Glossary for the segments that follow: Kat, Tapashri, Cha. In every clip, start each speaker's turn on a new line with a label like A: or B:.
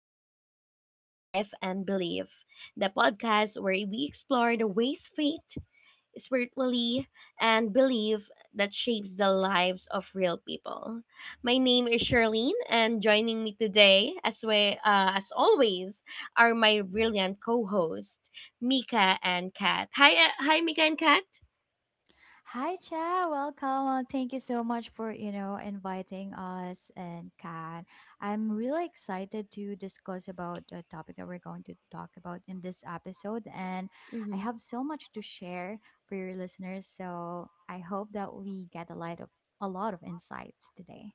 A: Welcome back to Life and Belief, the podcast where we explore the ways faith, spiritually, and belief that shapes the lives of real people. My name is Charlene, and joining me today, as always, are my brilliant co-hosts, Mika and Kat. Hi, Mika and Kat.
B: Hi, Cha. Welcome. Thank you so much for, inviting us and Kat. I'm really excited to discuss about the topic that we're going to talk about in this episode. And I
A: hmm
B: have so much to share for your listeners. So I hope that we get a lot of insights today.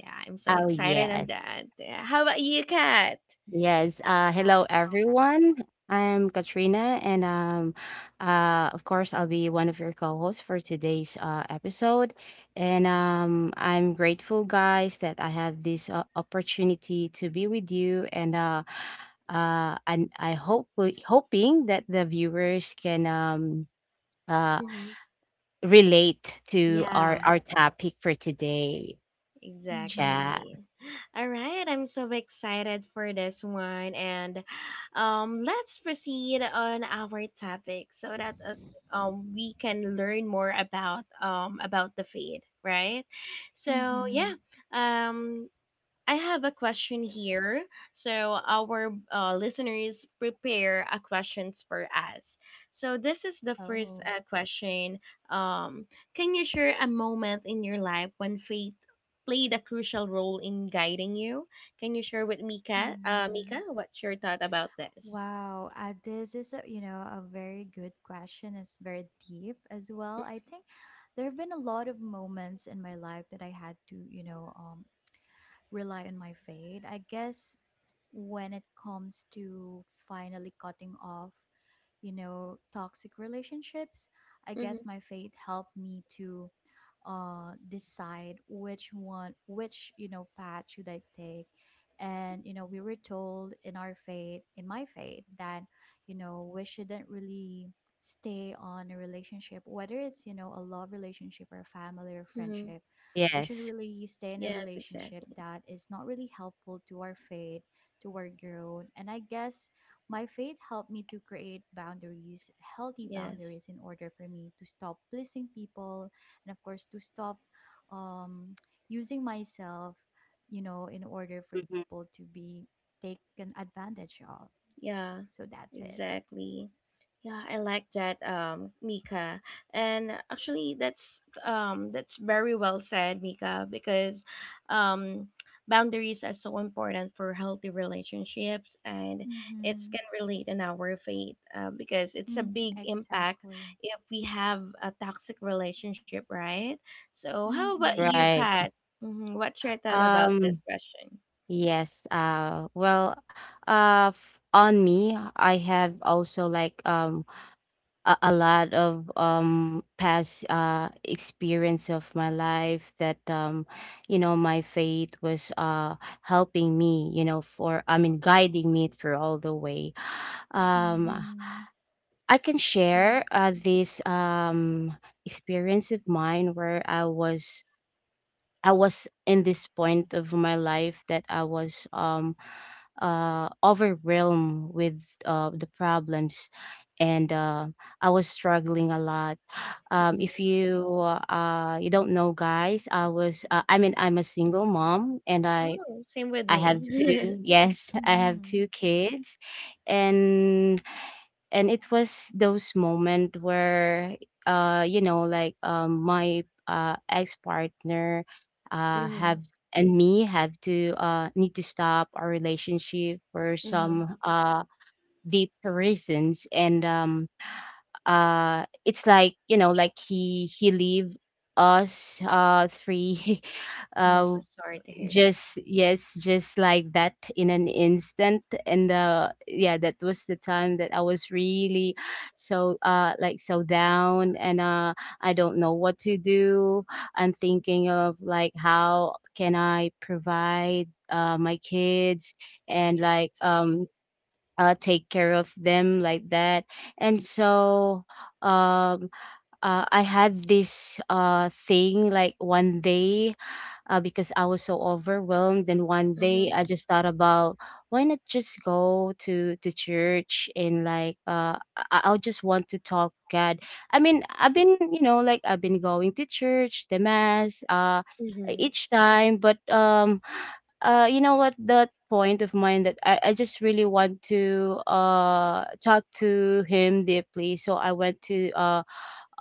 A: Yeah, I'm so
C: Oh,
A: excited on
C: yes.
A: that. Yeah. How about you, Kat?
C: Yes. Hello, everyone. I'm Katrina, and of course, I'll be one of your co-hosts for today's episode. And I'm grateful, guys, that I have this opportunity to be with you, and I hope hoping that the viewers can uh,
A: hmm
C: relate to our
A: Yeah.
C: our topic for today,
B: Mm-hmm.
C: chat.
A: Exactly. All right, I'm so excited for this one, and let's proceed on our topic so that we can learn more about the faith, right? So,
B: Mm-hmm.
A: yeah. Um I have a question here. So, our listeners prepare a questions for us. So, this is the first
B: Oh.
A: question. Um, can you share a moment in your life when faith played a crucial role in guiding you? Can you share with Mika? Mika, what's your thought about this?
B: Wow, this is a, you know a very good question. It's very deep as well. I think there have been a lot of moments in my life that I had to rely on my fate. I guess when it comes to finally cutting off, you know, toxic relationships, I
A: Mm-hmm,
B: guess my fate helped me to decide which path should I take. And you know, we were told in our fate in my fate that you know, we shouldn't really stay on a relationship whether it's you know a love relationship or a family or
A: mm-hmm.
B: friendship. We should
C: Yes.
B: really stay in a
A: Yes,
B: relationship
A: exactly.
B: that is not really helpful to our faith, to our growth. And I guess my faith helped me to create boundaries, healthy
A: Yes.
B: boundaries, in order for me to stop pleasing people and, of course, to stop um, using myself, you know, in order for
C: Mhm.
B: people to be taken advantage of.
A: Yeah,
B: So that's it.
A: exactly. Yeah, I like that, Mika. And actually, that's very well said, Mika, because um, boundaries are so important for healthy relationships, and it
B: Mm-hmm.
A: can relate in our faith because it's a
B: Mm-hmm.
A: big impact
B: Exactly.
A: if we have a toxic relationship, right? So, how about you,
B: Mm-hmm.
A: Kat?
C: Right.
A: What's your thought about this
C: Um.
A: question?
C: Yes. Well, on me, I have also like a lot of past experience of my life that you know my faith was helping me, you know for I mean, guiding me through all the way. Um,
B: Mm-hmm.
C: I can
A: Mm-hmm.
C: share this experience of mine where I was in this point of my life that I was overwhelmed with the problems, and I was struggling a lot. If
A: Mm-hmm.
C: you You don't know, guys, I was I mean, I'm a single mom, and
A: Oh, same with
C: I
A: me.
C: have two yes, I have
B: Mm-hmm.
C: two kids. And and it was those moment where my ex partner
A: Mhm.
C: have and me have to need to stop our relationship for
A: Mhm.
C: some deep reasons, and it's like you know like he leave us, three
A: I'm so
C: uh
A: sorry to hear that.
C: just yes, just like that in an instant. And yeah, that was the time that I was really so so down, and I don't know what to do. I'm thinking of like, how can I provide my kids and like take care of them like that. And um I had this thing, like one day, because I was so overwhelmed. And one day
A: Mhm.
C: I just thought about, why not just go to church and like I'll just want to talk God. I mean, I've been you know like I've been going to church, the mass,
A: Mhm.
C: each time, but you know what, that point of mine that I just really want to talk to him deeply. So I went to uh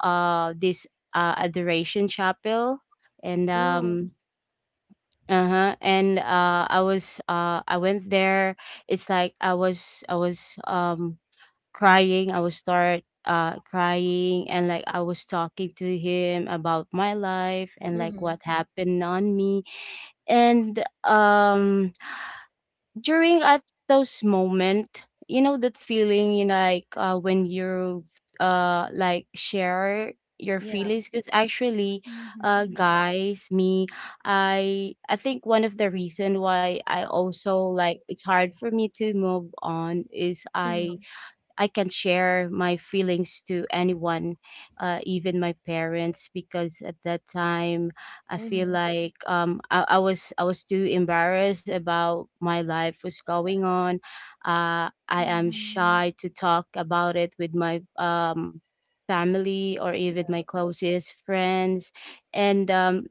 C: uh this adoration chapel. And
A: No.
C: uh-huh. And I went there. It's like I was crying. I was start crying, and like I was talking to him about my life and like
A: Mhm.
C: what happened on me. And um during at those moment, you know that feeling, like when you share your
A: Yeah.
C: feelings. Because actually,
B: Mm-hmm.
C: guys, me I think one of the reason why I also like it's hard for me to move on is I—
A: Mhm.
C: I can share my feelings to anyone, even my parents, because at that time I feel
A: Mhm.
C: like I was too embarrassed about my life was going on. I am
B: Mhm.
C: shy to talk about it with my family or even
A: Yeah.
C: my closest friends, and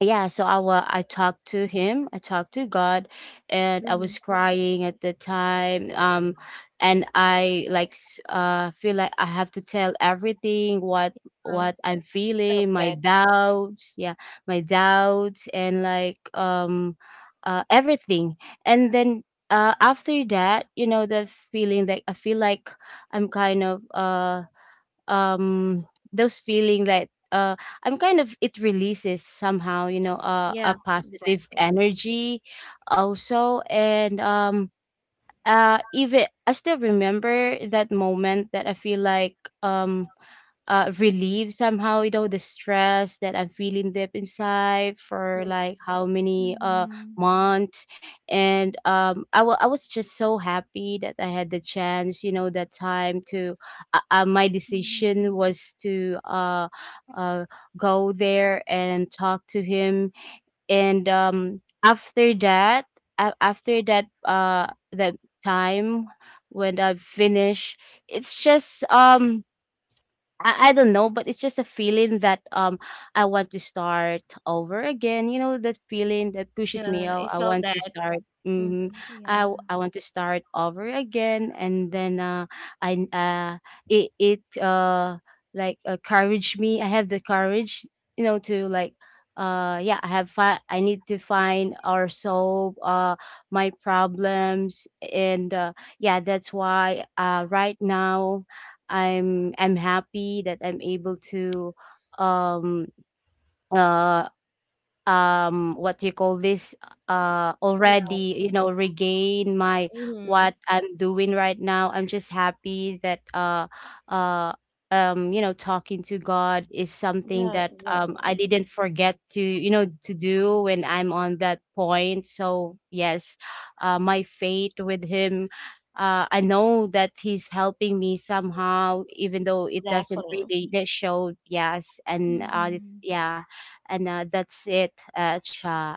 C: yeah, so I talked to him, I talked to God, and I was
A: Mhm.
C: crying at the time. And I like feel like I have to tell everything, what
A: Uh,
C: what
A: I
C: I'm
A: felt
C: feeling, my
A: that.
C: doubts, yeah, my doubts, and like everything. And then, after that, you know, that feeling that I feel like I'm kind of um those feeling like I'm kind of it releases somehow, you know, a
A: Yeah.
C: positive
A: Exactly.
C: energy also. And even I still remember that moment that I feel like um relieved somehow, you know, the stress that I'm feeling deep inside for
A: Mhm.
C: like how many
B: Mhm.
C: months. And I was just so happy that I had the chance, you know, that time to my decision
B: Mhm.
C: was to uh go there and talk to him. And after that, that time when I finish, it's just I don't know, but it's just a feeling that I want to start over again. You know that feeling that pushes me.
A: Yeah.
C: Oh,
A: I
C: I
A: felt
C: want to
A: that.
C: start. Mm-hmm.
A: Mhm.
B: Yeah.
C: I want to start over again. And then I it it like courage me. I have the courage, you know, to like yeah, I need to find or solve my problems. And yeah, that's why right now, I'm happy that I'm able to um uh what do you call this,
A: Yeah.
C: already, you know, regain my—
A: Mhm.
C: what I'm doing right now. I'm just happy that uh you know, talking to God is something
A: Yeah.
C: that I
A: Exactly.
C: didn't forget to, do when I'm on that point. So yes, my faith with him, I know that he's helping me somehow, even though it doesn't
A: Exactly.
C: really show. Yes, and
B: Mhm.
C: yeah, and, that's it at cha.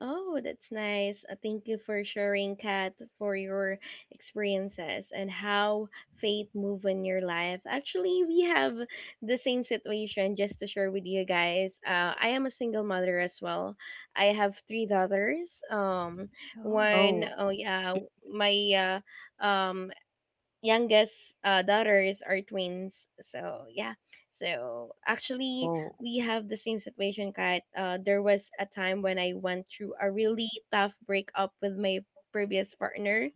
A: Oh, that's nice. Thank you for sharing, Kat, for your experiences and how faith move in your life. Actually, we have the same situation. Just to share with you guys, I am a single mother as well. I have three daughters.
B: Oh.
C: Oh,
A: Oh yeah, my uh, um youngest daughters are twins. So yeah. So actually,
C: oh.
A: we have the same situation, Kat. There was a time when I went through a really tough breakup with my previous partner.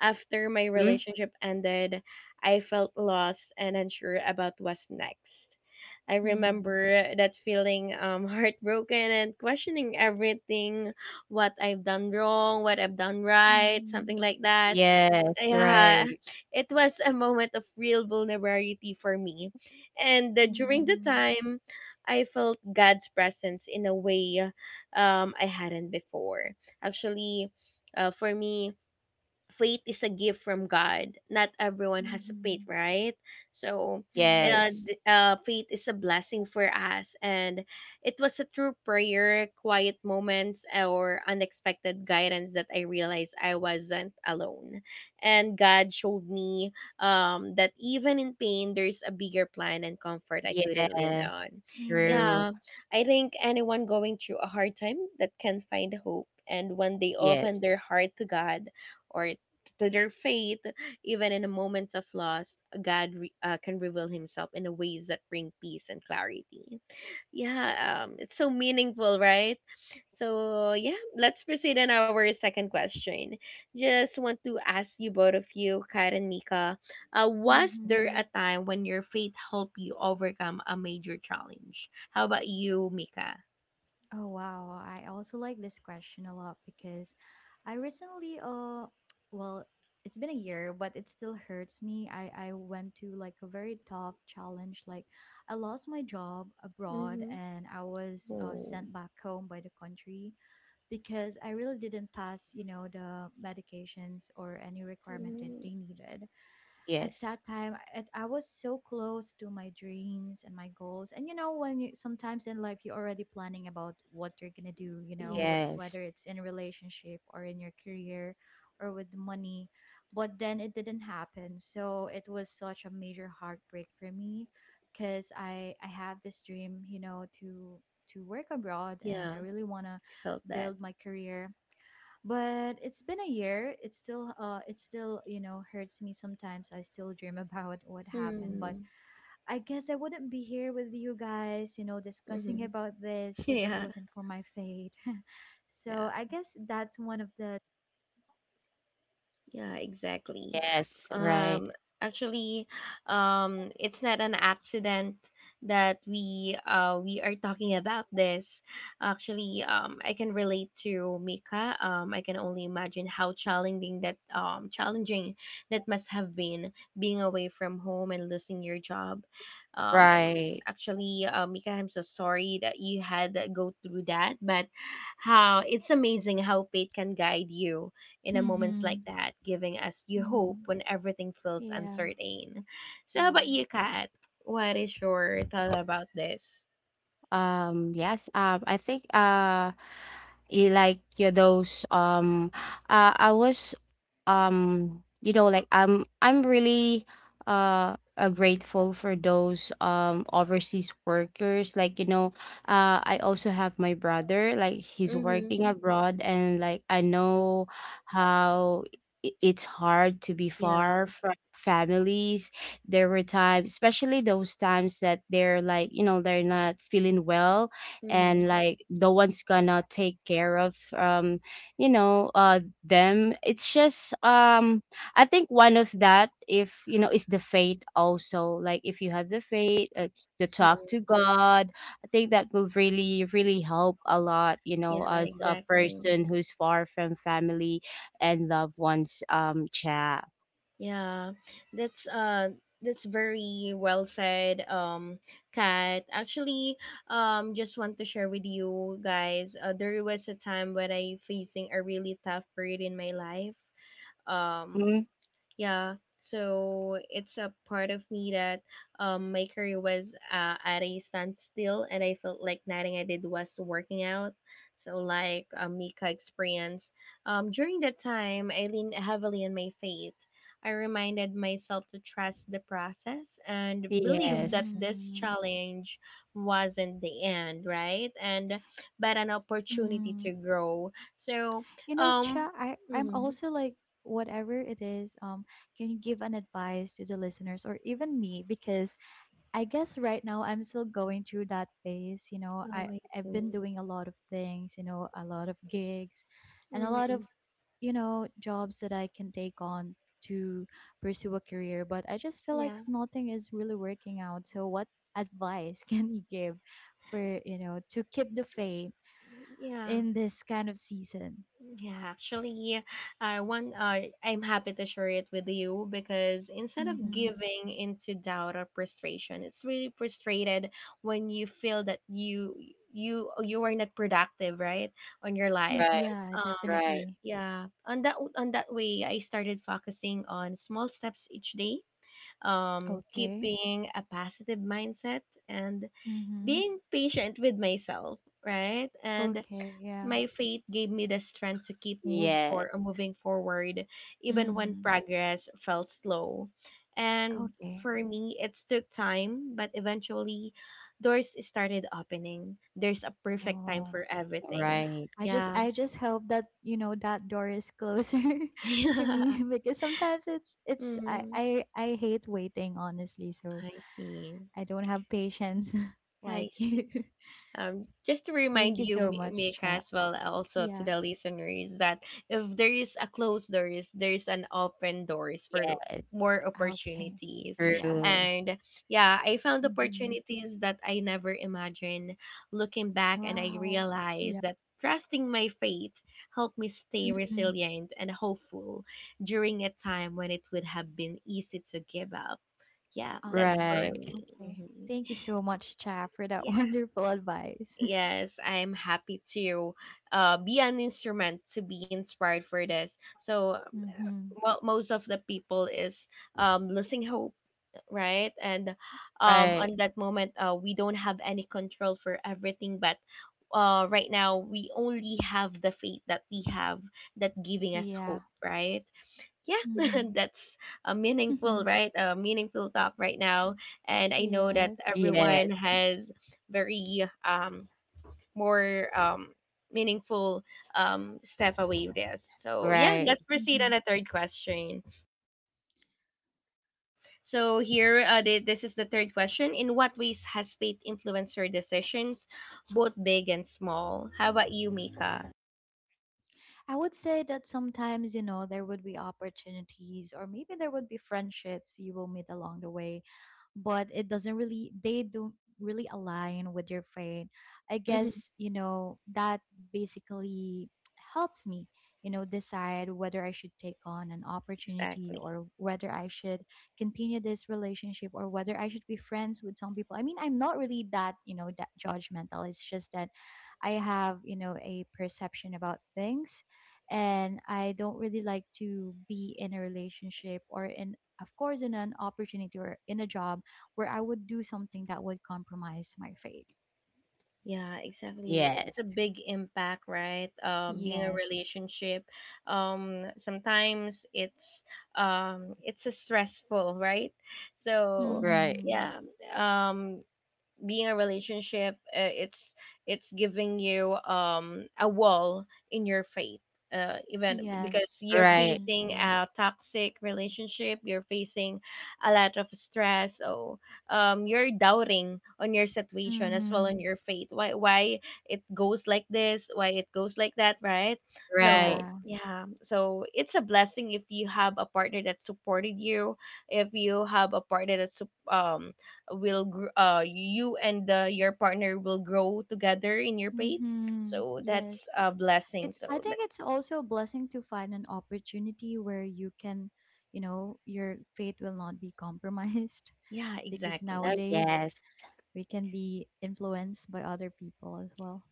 A: After my
C: Mhm.
A: relationship ended, I felt lost and unsure about what's next. I
B: Mm.
A: remember that feeling heartbroken and questioning everything, what I've done wrong, what I've done right, something
B: Mhm.
A: like that.
C: Yes,
A: Yeah,
C: right.
A: it was a moment of real vulnerability for me. And during the
B: Mhm.
A: time, I felt God's presence in a way I hadn't before. Actually, for me, faith is a gift from God. Not everyone has a faith,
B: Mhm.
A: right? So,
B: Mhm.
C: Yes.
A: faith is a blessing for us, and it was a true prayer, quiet moments, or unexpected guidance that I realized I wasn't alone, and God showed me that even in pain, there's a bigger plan and comfort I couldn't lean
C: Yes,
A: on. Yeah,
C: true.
B: Mhm.
A: I think anyone going through a hard time that can find hope and when they open
C: Yes,
A: their heart to God or to their faith, even in the moments of loss, God can reveal Himself in the ways that bring peace and clarity. Yeah, it's so meaningful, right? So yeah, let's proceed on our second question. Just want to ask you both of you, Kat and Mika, was there a
B: Mhm.
A: time when your faith helped you overcome a major challenge? How about you, Mika?
B: Oh wow, I also like this question a lot because I recently well, it's been a year but it still hurts me. I went to like a very tough challenge. Like, I lost my job abroad
A: Mm-hmm.
B: and I was
A: Oh.
B: sent back home by the country because I really didn't pass, you know, the medications or any requirement that
A: Mm,
B: they needed. At
C: yes,
B: that time I was so close to my dreams and my goals. And you know, when you sometimes in life you're already planning about what you're gonna do, you know,
A: yes.
C: yes,
B: whether it's in a relationship or in your career or with money, but then it didn't happen. So it was such a major heartbreak for me because I have this dream, you know, to work abroad and
A: Yeah,
B: I really want to
A: I felt that.
B: build my career. But it's been a year, it still you know hurts me. Sometimes I still dream about what happened. But
A: Hmm.
B: I guess I wouldn't be here with you guys, you know, discussing
A: Mm-hmm.
B: about this if it
A: Yeah,
B: wasn't for my fate. So
A: yeah,
B: I guess that's one of the
A: yeah, exactly.
C: yes, right,
A: Um, Actually, it's not an accident that we are talking about this. Actually, I can relate to Mika. I can only imagine how challenging that must have been, being away from home and losing your job. Um, um,
C: right.
A: Actually, Mika, I'm so sorry that you had to go through that, but how it's amazing how fate can guide you in a moments like
B: Mm-hmm.
A: that, giving us you hope
B: Mm-hmm.
A: when everything feels
B: Yeah.
A: uncertain. So how about
B: Yeah.
A: you, Kat? What is your thought about this?
C: Yes, I think, you like you those I was you know like I'm really grateful for those overseas workers, like you know, I also have my brother, like he's
A: Mhm.
C: working abroad, and like I know how it's hard to be
A: Yeah.
C: far from families. There were times, especially those times that they're like, you know, they're not feeling well,
A: Mhm.
C: and like the one's gonna take care of them. It's just I think one of that, if you know, is the faith also. Like if you have the faith, to talk
A: Mhm.
C: to God, I think that will really, really help a lot, you
A: Yeah,
C: know, as a
A: exactly.
C: person who's far from family and loved ones, chat.
A: Yeah, that's uh that's very well said, Kat. Actually, just want to share with you guys. There was a time when I facing a really tough period in my life. um
C: Mhm.
A: yeah, so it's a part of me that my career was at a standstill, and I felt like nothing I did was working out. So, like a Mika experience, during that time I leaned heavily on my faith. I reminded myself to trust the process and believe that
C: Yes,
A: this
B: Mm-hmm.
A: challenge wasn't the end, right? And but an opportunity to
B: Mm.
A: grow. So
B: You know,
A: um
B: Cha, I'm
A: mhm.
B: also like, whatever it is, can you give an advice to the listeners or even me? Because I guess right now I'm still going through that phase.
A: Oh, I
B: I've
A: see.
B: been doing a lot of things. You know, a lot of gigs, and a lot of
A: Mm-hmm.
B: you know jobs that I can take on to pursue a career. But I just feel like
A: Yeah,
B: nothing is really working out. So, what advice can you give for you know to keep the faith
A: yeah,
B: in this kind of season?
A: yeah. Actually, I want. I'm happy to share it with you because instead of
B: Mm-hmm.
A: giving into doubt or frustration, it's really frustrated when you feel that you are not productive, right, on your life.
B: Mm,
C: right,
B: yeah,
A: Um,
C: right,
B: definitely.
A: yeah. On that way, I started focusing on small steps each day.
B: Okay.
A: Keeping a positive mindset and
B: Mm-hmm.
A: being patient with myself, right? And
B: Okay. Yeah.
A: my faith gave me the strength to keep move
C: yeah,
A: for moving forward, even when
B: Mm.
A: progress felt slow. And
B: Okay.
A: for me, it took time, but eventually, doors started opening. There's a perfect time
B: Oh.
A: for everything.
C: right,
B: I just
A: Yeah.
B: I just hope that you know that door is closer to
A: Yeah.
B: me because sometimes it's
A: Hmm.
B: I hate waiting honestly, so
A: I see.
B: I don't have patience
A: I
B: like
A: see.
B: you.
A: Just to
B: Thank
A: remind
B: you
A: you,
B: so much,
A: Mika,
B: chat.
A: as well, also to
B: Yeah.
A: the listeners, that if there is a closed doors, there is an open doors for
C: yeah,
A: more
B: Okay.
A: opportunities.
B: Yeah.
C: true,
A: And yeah, I found
B: Hmm.
A: opportunities that I never imagined. Looking back, and I
B: Wow. Yeah.
A: realized that trusting my faith helped me stay
B: Hmm.
A: resilient and hopeful during a time when it would have been easy to give up. Yeah, that's
B: Uh-huh.
A: for
C: right.
A: me.
B: Okay.
A: hmm
B: Thank you so much, chat, for that wonderful advice.
A: Yes, I'm happy to be an instrument to be inspired for this. So
B: Hmm.
A: mo most of the people is losing hope, right? And on
C: Right.
A: that moment, we don't have any control for everything. But right now, we only have the faith that we have that giving us
B: Yeah.
A: hope, right? Yeah,
B: Hmm.
A: that's a meaningful, right? A meaningful thought right now. And I know that
B: Yes.
C: Yes.
A: everyone has very more meaningful step away with this. So yeah,
C: Right.
A: let's proceed on
B: Hmm.
A: the third question. So here, this is the third question. In what ways has faith influenced your decisions, both big and small? How about you, Mika?
B: I would say that sometimes, you know, there would be opportunities or maybe there would be friendships you will meet along the way, but it doesn't really they don't really align with your faith. I
A: hmm
B: guess you know that basically helps me, you know, decide whether I should take on an opportunity
A: Exactly.
B: or whether I should continue this relationship or whether I should be friends with some people. I mean, I'm not really that you know that judgmental. It's just that I have you know a perception about things, and I don't really like to be in a relationship or in of course in an opportunity or in a job where I would do something that would compromise my faith.
A: Yeah, exactly. It's
C: Yes.
A: a big impact, right? Being a
B: Yes.
A: relationship, sometimes it's a stressful, right? So
C: Right.
B: Mhm.
A: yeah, um, being a relationship it's giving you a wall in your faith, even
B: Yes,
A: because you're
C: Right.
A: facing
B: definitely.
A: a toxic relationship, you're facing a lot of stress. So you're doubting on your situation as well, on
B: Mhm.
A: your faith. Why it goes like this, why it goes like that, right? So
C: Right.
B: Yeah.
A: yeah, so it's a blessing if you have a partner that supported you. If you have a partner that will you and your partner will grow together in your faith,
B: Mhm.
A: so that's
B: Yes.
A: a blessing,
B: It's
A: so
B: I
A: that,
B: think it's also a blessing to find an opportunity where you can, you know, your faith will not be compromised
A: yeah,
B: because
C: Oh,
A: exactly,
B: nowadays
C: yes.
B: we can be influenced by other people as well.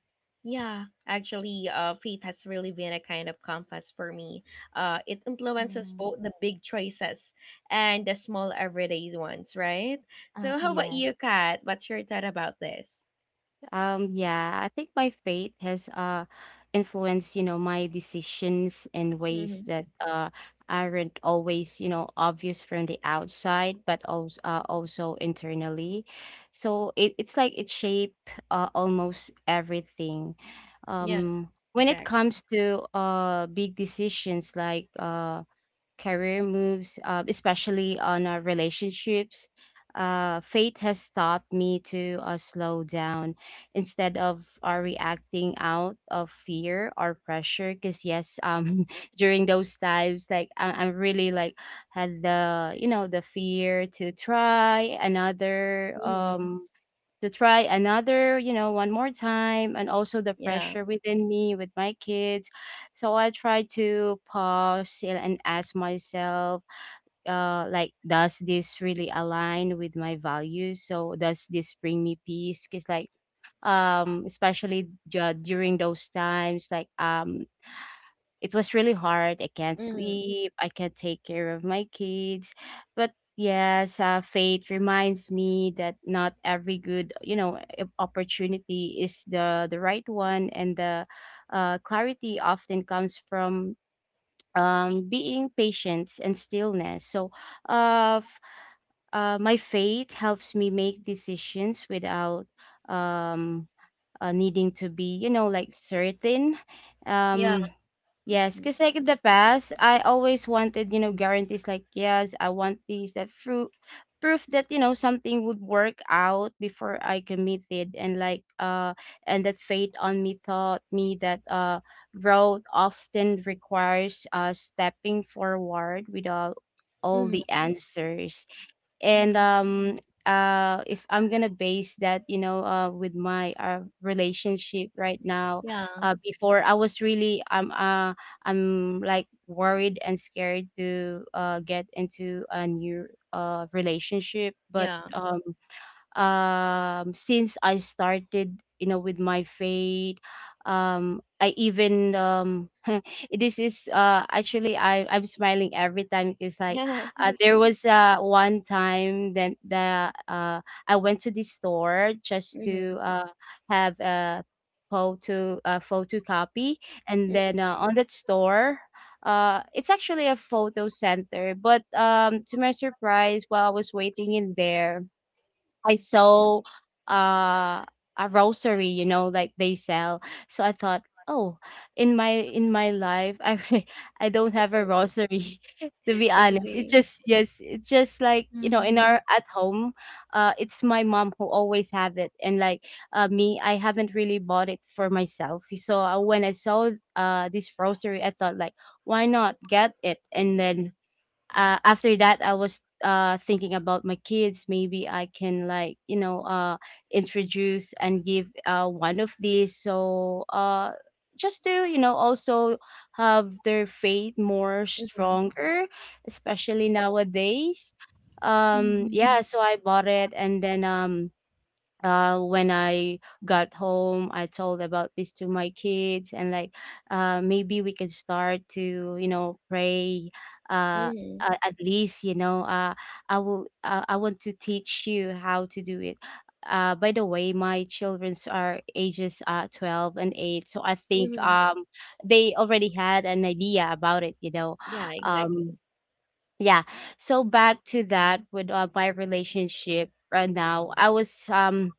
A: yeah. Actually, faith has really been a kind of compass for me. It influences
B: Mm.
A: both the big choices and the small everyday ones, right? So how about
B: Yes.
A: you, Kat? What's your thought about this?
C: Yeah, I think my faith has influenced, you know, my decisions in ways
A: Mm-hmm.
C: that aren't always, you know, obvious from the outside, but also also internally. So it's like it shaped, almost everything.
A: Yeah,
C: When it
A: exactly.
C: comes to big decisions like career moves, especially on our relationships, fate has taught me to slow down instead of reacting out of fear or pressure. Because yes, during those times, like I'm really like had the the fear
A: Mm-hmm.
C: to try another, you know, one more time, and also the
A: Yeah.
C: pressure within me with my kids. So I try to pause still and ask myself, like, does this really align with my values? So does this bring me peace? Because like, especially during those times, like, it was really hard. I can't
A: Mm-hmm.
C: sleep. I can't take care of my kids. But yes, fate reminds me that not every good, you know, opportunity is the right one, and the clarity often comes from being patient and stillness. So, uh, f- my faith helps me make decisions without um needing to be, you know, like certain.
A: Yeah.
C: um yes,
A: Mm-hmm.
C: because like in the past I always wanted, you know, guarantees, like yes, I want these that fruit proof that, you know, something would work out before I committed, and like and that fate on me taught me that growth often requires stepping forward without all the
A: Mm-hmm.
C: answers. And
B: Mm.
C: if I'm gonna base that, you know, with my relationship right now,
A: Yeah,
C: before I was really I'm like worried and scared to get into a new relationship. But
A: yeah,
C: since I started, you know, with my faith, I even this is actually I'm smiling every time because like,
A: yeah.
C: there was one time that the I went to the store just
A: Mm-hmm.
C: to have a photo copy. And then, on that store, it's actually a photo center, but to my surprise while I was waiting in there, I
A: Mm-hmm.
C: saw uh, a rosary, you know, like they sell. So I thought, oh, in my life, I I don't have a rosary. To be honest, it's
A: Exactly.
C: just, yes, it's just like, you know, in
B: Mhm.
C: our at home, it's my mom who always have it, and like me, I haven't really bought it for myself. So when I saw this rosary, I thought like, why not get it, and then after that I was thinking about my kids. Maybe I can, like, you know, introduce and give one of these, so just to, you know, also have their faith more
A: Mm-hmm.
C: stronger, especially nowadays.
B: Mhm.
C: Yeah, so I bought it, and then when I got home, I told about this to my kids, and like, maybe we could start to, you know, pray. Uh,
A: Mm-hmm.
C: a- at least, you know, I will. I want to teach you how to do it. By the way, my childrens are ages 12 and 8, so I think
A: Mm-hmm.
C: they already had an idea about it. You know,
A: Yeah, exactly.
C: um, yeah. So back to that, with my relationship right now, I was um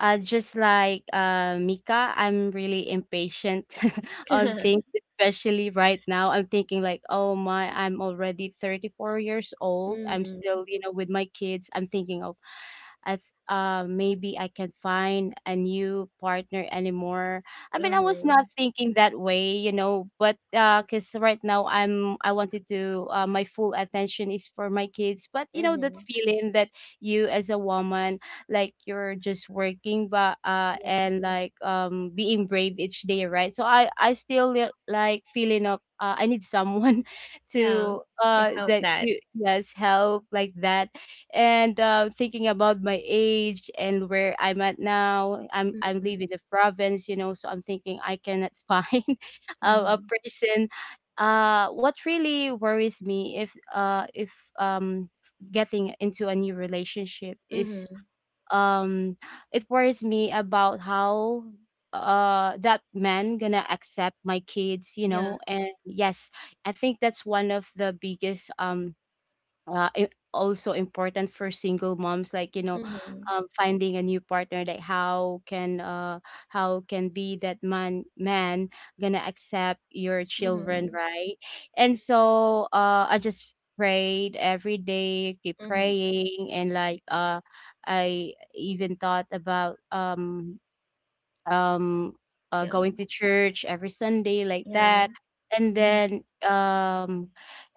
C: uh, just like, Mika, I'm really impatient on things, especially right now. I'm thinking like, oh my, I'm already 34 years old. I'm
A: Mm-hmm.
C: still, you know, with my kids. I'm thinking, maybe I can find a new partner anymore. I mean, I was not
A: Mm-hmm.
C: thinking that way, you know, but because right now I wanted to, my full attention is for my kids. But you know that
A: Mm-hmm.
C: feeling that you as a woman, like you're just working, but
A: Yeah.
C: and like being brave each day, right? So I still like feeling of I need someone
A: Yeah.
C: to
A: I felt
C: that
A: that.
C: to, yes, help like that. And thinking about my age and where I'm at now, I'm leaving the province, you know, so I'm thinking I cannot find a, a
A: Mm-hmm.
C: person. What really worries me if um getting into a new relationship is,
A: Mm-hmm.
C: um it worries me about how that man gonna accept my kids, you
A: Yeah.
C: know, and yes, I think that's one of the biggest, uh, i- also important for single moms, like, you know,
A: Mm-hmm.
C: finding a new partner. Like, how can, how can be that man gonna accept your children,
A: Mm-hmm.
C: right? And so I just prayed every day, keep
A: Mm-hmm.
C: praying, and like I even thought about, um,
A: Yeah.
C: going to church every Sunday, like
A: Yeah.
C: that. And
A: Mm-hmm.
C: then,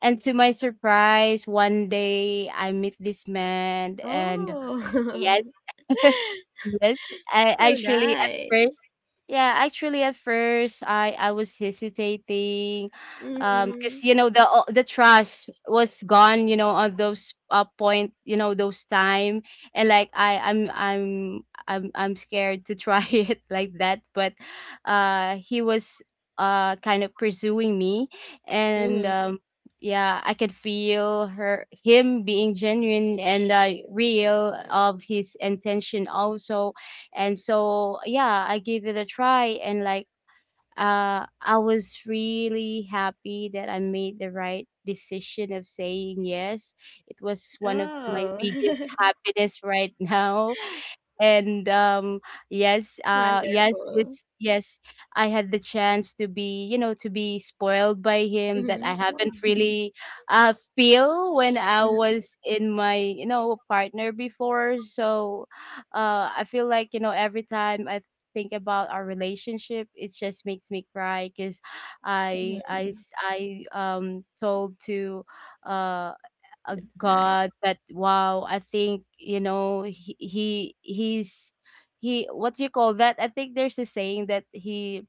C: and to my surprise, one day I meet this man, and yes.
A: Oh.
C: Yes, I
A: So
C: actually at
A: nice.
C: first, yeah, actually at first I was hesitating,
A: Mm-hmm.
C: because you know the the trust was gone, you know, on those, point, you know, those time, and like I I'm scared to try it like that. But he was, kind of pursuing me, and
A: Mm-hmm.
C: yeah, I could feel her him being genuine and, real of his intention also. And so yeah, I gave it a try, and like I was really happy that I made the right decision of saying yes. It was one of my
A: Oh.
C: biggest
A: It's
C: happiness right now. And yes,
A: wonderful.
C: I had the chance to be, you know, to be spoiled by him that I
A: Mm-hmm.
C: haven't really feel when I
A: Mm,
C: was in my, you know, partner before. So I feel like, you know, every time I think about our relationship, it just makes me cry because I I
A: Mm-hmm.
C: s- I told to uh
A: That's nice.
C: God that wow, I think, you know, he's, he, what do you call that? I think there's a saying that he,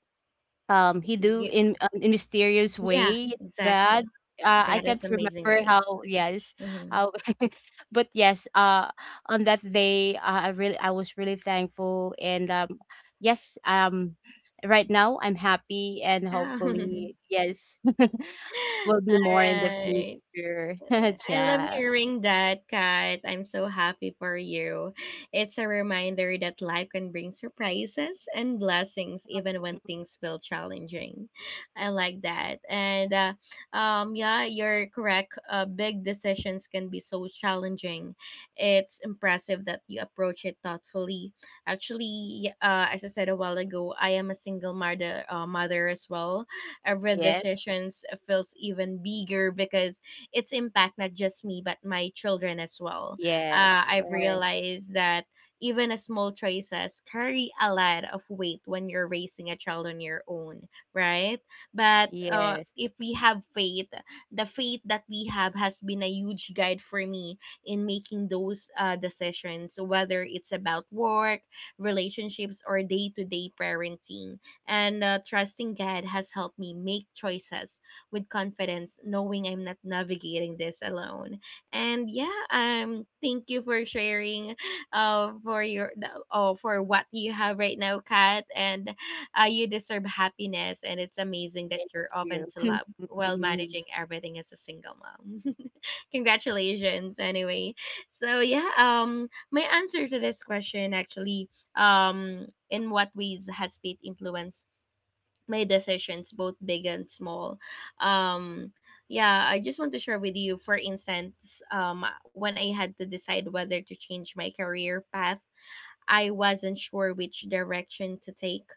C: he do
A: Gi-
C: in, in mysterious
A: Yeah,
C: way
A: exactly.
C: bad.
A: God
C: I
A: is
C: can't
A: amazing
C: remember
A: way.
C: how. Yes,
A: Mm-hmm.
C: how, but yes, on that day, I really, I was really thankful, and yes, right now I'm happy, and hopefully yes, will
A: All
C: be more in the
A: right.
C: future.
A: I love
C: Yeah.
A: hearing that, Kat. I'm so happy for you. It's a reminder that life can bring surprises and blessings even when things feel challenging. I like that. And yeah, you're correct. Big decisions can be so challenging. It's impressive that you approach it thoughtfully. Actually, as I said a while ago, I am a single mother as well. Every
C: Yes,
A: decisions feels even bigger because its impact not just me but my children as well.
C: yes,
A: I've
C: right.
A: realized that even a small choices carry a lot of weight when you're raising a child on your own, right? But
C: Yes.
A: if we have faith, the faith that we have has been a huge guide for me in making those decisions, whether it's about work, relationships, or day to day parenting. And trusting God has helped me make choices with confidence, knowing I'm not navigating this alone. And yeah, thank you for sharing, uh, for your, oh, for what you have right now, Kat. And you deserve happiness, and it's amazing that
C: Thank
A: you're open
C: you.
A: to love while
C: Mhm.
A: managing everything as a single mom. Congratulations, anyway. So yeah, my answer to this question actually, in what ways has faith influenced my decisions, both big and small. um yeah, I just want to share with you. For instance, when I had to decide whether to change my career path, I wasn't sure which direction to take.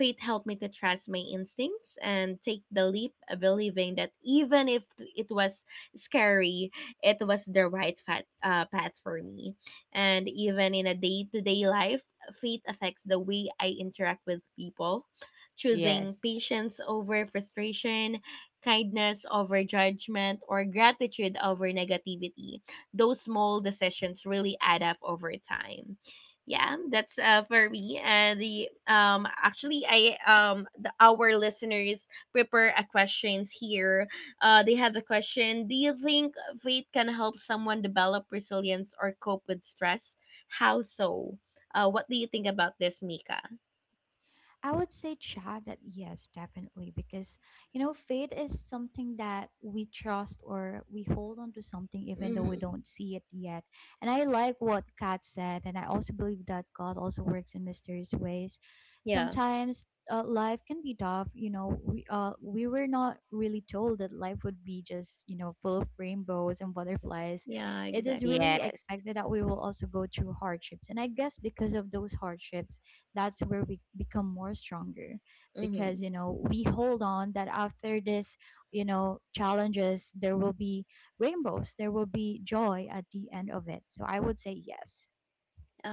A: Faith helped me to trust my instincts and take the leap, believing that even if it was scary, it was the path for me. And even in a day to day life, faith affects the way I interact with people. Choosing
C: Yes.
A: patience over frustration, kindness over judgment, or gratitude over negativity, those small decisions really add up over time. Yeah, that's for me the actually I the our listeners prepare a questions here. They have a question: do you think faith can help someone develop resilience or cope with stress? How so? What do you think about this, Mika?
B: I would say, Chad, that yes, definitely, because you know, faith is something that we trust or we hold on to something even though we
A: Hmm.
B: don't see it yet. And I like what Kat said, and I also believe that God also works in mysterious ways.
A: Yeah.
B: Sometimes life can be tough, you know. We were not really told that life would be just you know full of rainbows and butterflies.
A: Yeah,
B: It is
A: exactly.
B: really
C: Yes.
B: expected that we will also go through hardships, and I guess because of those hardships, that's where we become more stronger, because you
A: Mm-hmm.
B: know we hold on that after this you know challenges there will be rainbows, there will be joy at the end of it. So I would say yes.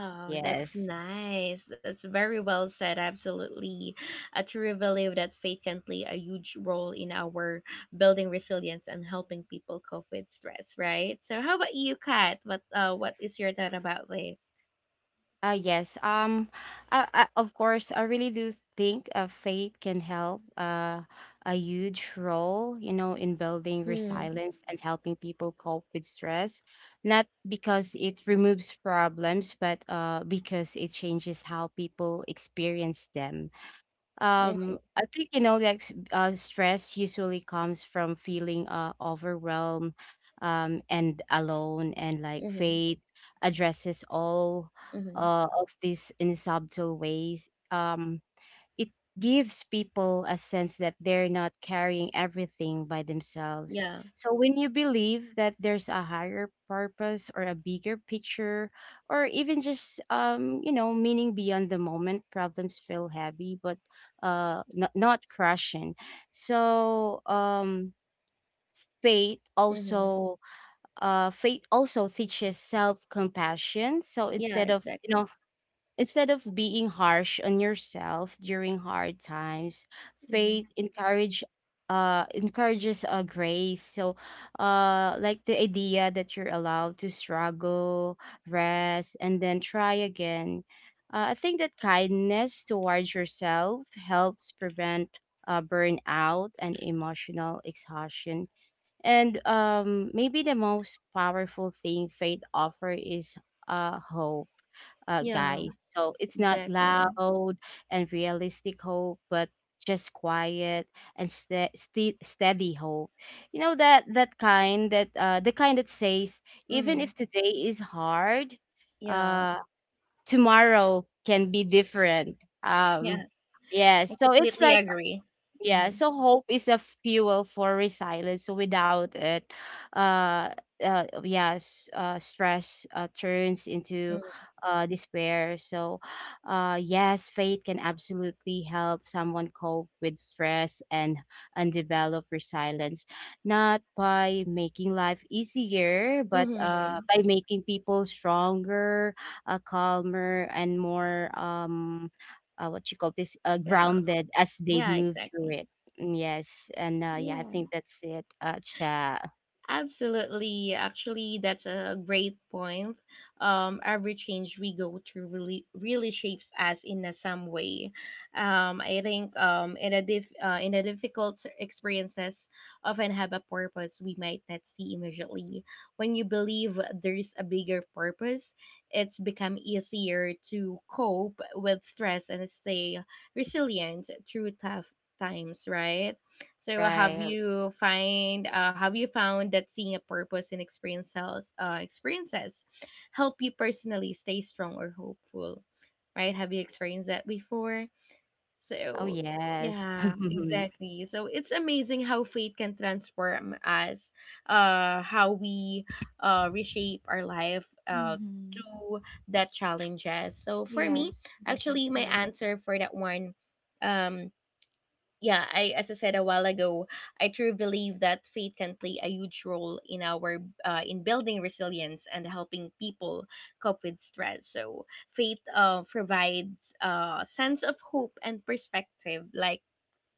A: Oh, that's
C: Yes.
A: nice. That's very well said. Absolutely. I truly believe that faith can play a huge role in our building resilience and helping people cope with stress, right? So how about you, Kat? What is your thought about this?
C: Yes. I, of course I really do think faith can help, a huge role, you know, in building
A: Hmm.
C: resilience and helping people cope with stress, not because it removes problems, but because it changes how people experience them.
A: Mm-hmm.
C: I think, you know, like stress usually comes from feeling overwhelmed, and alone, and like
A: Mm-hmm.
C: faith addresses all
A: Mm-hmm.
C: of these in subtle ways. It gives people a sense that they're not carrying everything by themselves.
A: Yeah.
C: So when you believe that there's a higher purpose or a bigger picture, or even just you know, meaning beyond the moment, problems feel heavy but, not, not crushing. So faith
A: Mm-hmm.
C: also faith also teaches self compassion. So instead
A: Yeah,
C: of, you know,
A: exactly.
C: instead of being harsh on yourself during hard times, faith
A: Mm-hmm.
C: encourage uh encourages, grace. So like the idea that you're allowed to struggle, rest, and then try again. I think that kindness towards yourself helps prevent, burnout and emotional exhaustion, and maybe the most powerful thing faith offer is, hope,
A: Yeah,
C: guys. So it's not
A: exactly.
C: loud and realistic hope, but just quiet and steady hope. You know, that, that kind that, the kind that says even if
A: Mm-hmm.
C: today is hard,
A: Yeah.
C: uh, tomorrow can be different. Um,
A: Yeah.
C: yeah.
A: I
C: So it's
A: completely
C: like,
A: agree.
C: yeah,
A: Mm-hmm.
C: so hope is a fuel for resilience. So without it, uh, yes, stress, turns into, despair. So, yes, faith can absolutely help someone cope with stress and develop resilience, not by making life easier, but
A: Mm-hmm.
C: by making people stronger, calmer, and more what you call this,
A: Yeah.
C: grounded as they
A: Yeah,
C: move through
A: exactly.
C: it. Mm, yes, and yeah, I
A: Yeah.
C: think that's it. Cha,
A: Absolutely. Actually, that's a great point. Every change we go through really really shapes us in a some way. I think in a diff, In a difficult experiences often have a purpose we might not see immediately. When you believe there's a bigger purpose, it's become easier to cope with stress and stay resilient through tough times. Right? So
C: right?
A: have you found that seeing a purpose in experiences help you personally stay strong or hopeful? Right? Have you experienced that before?
C: Oh
A: So
C: yes,
A: yeah, exactly. So it's amazing how faith can transform us, how we reshape our life
B: Mm-hmm.
A: to that challenges. So for me,
B: Yes.
A: actually, my
B: Definitely.
A: answer for that one, um yeah, I, as I said a while ago, I truly believe that faith can play a huge role in our, in building resilience and helping people cope with stress. So faith provides a sense of hope and perspective, like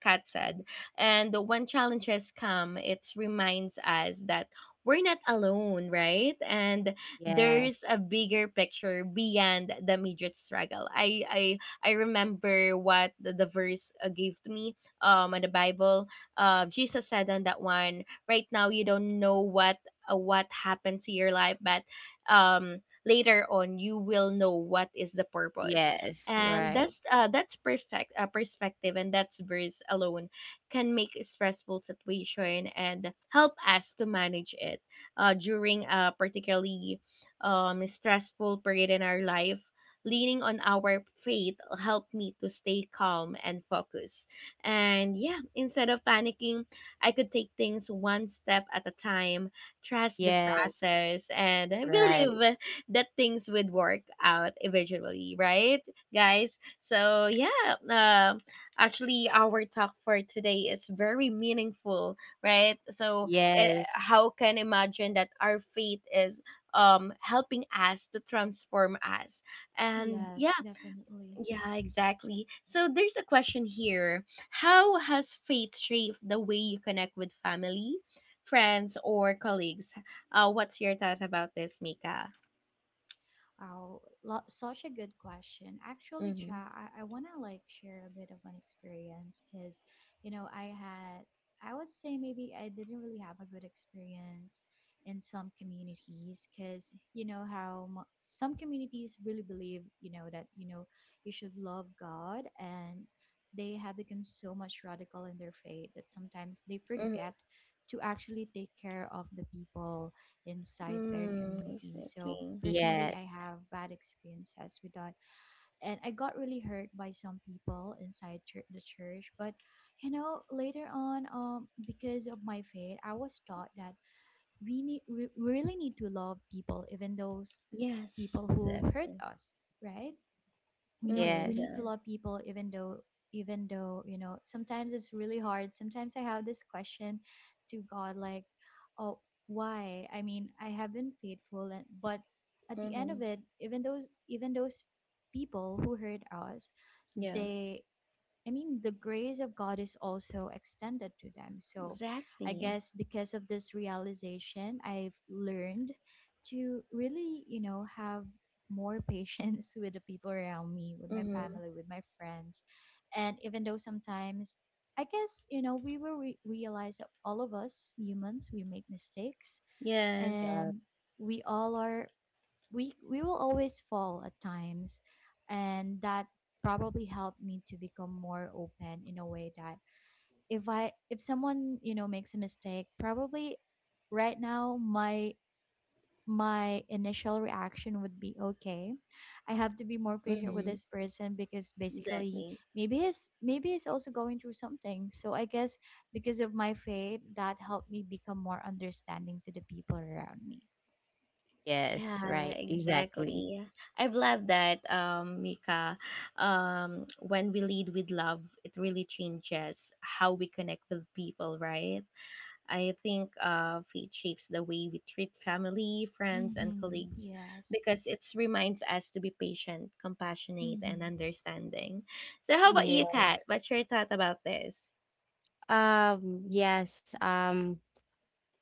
A: Kat said. And when challenges come, it reminds us that we're not alone, right? And
C: yeah,
A: there's a bigger picture beyond the immediate struggle. I remember what the verse gave to me in the Bible. Jesus said on that one, right now you don't know what, what happened to your life, but later on you will know what is the purpose.
C: yes,
A: And
C: right,
A: that's perfect perspective, and that's verse alone can make a stressful situation and help us to manage it during a particularly stressful period in our life. Leaning on our faith helped me to stay calm and focused, and yeah, instead of panicking, I could take things one step at a time, trust the
C: yes,
A: process, and
C: right,
A: believe that things would work out eventually, right, guys? So yeah, um, actually, our talk for today is very meaningful, right? So eh,
C: yes,
A: how can imagine that our faith is helping us to transform us? And
B: Yes,
A: yeah,
B: definitely.
A: yeah, exactly. So there's a question here: How has faith shaped the way you connect with family, friends, or colleagues? What's your thought about this, Mika?
B: Wow, such a good question. Actually,
A: Mm-hmm.
B: Ja, I want to like share a bit of an experience because, you know, I had, I would say maybe I didn't really have a good experience in some communities because, how some communities really believe, you know, that, you know, you should love God and they have become so much radical in their faith that sometimes they
A: Mm-hmm.
B: forget to actually take care of the people inside their
A: Mm,
B: community. So
A: exactly.
B: personally, I
C: yes,
B: have bad experiences with that, and I got really hurt by some people inside the church. But you know, later on, because of my faith, I was taught that we really need to love people, even those
A: Yes,
B: people who hurt
A: exactly.
B: us, right? We know we
A: Mm-hmm,
C: yes,
B: need to
A: yeah.
B: love people, even though you know sometimes it's really hard. Sometimes I have this question to God, like, oh, why? I mean, I have been faithful, and but at the end of
A: Mm-hmm,
B: it, even those people who hurt us,
A: yeah.
B: they I mean, the grace of God is also extended to them. So I
A: Exactly.
B: guess because of this realization, I've learned to really, you know, have more patience with the people around me, with my
A: Mm-hmm.
B: family, with my friends. And even though sometimes, I guess, you know, we will realize that all of us humans, we make mistakes.
A: Yes.
C: yeah,
B: And we all are we will always fall at times, and that probably helped me to become more open in a way that if I if someone, you know, makes a mistake, probably right now my initial reaction would be okay, I have to be more patient with
A: Mm-hmm.
B: this person because basically
A: Exactly.
B: maybe he's also going through something. So I guess because of my faith, that helped me become more understanding to the people around me.
C: yes,
A: Yeah,
C: right, exactly,
A: exactly. I've loved that, Mika. When we lead with love, it really changes how we connect with people, right? I think faith shapes the way we treat family, friends, and
B: Mm-hmm.
A: colleagues
B: Yes.
A: because it reminds us to be patient, compassionate, and
B: Mm-hmm.
A: understanding. So, how about
B: Yes.
A: you,
C: yes.
A: Kat? What's your thought about this?
C: Yes, um,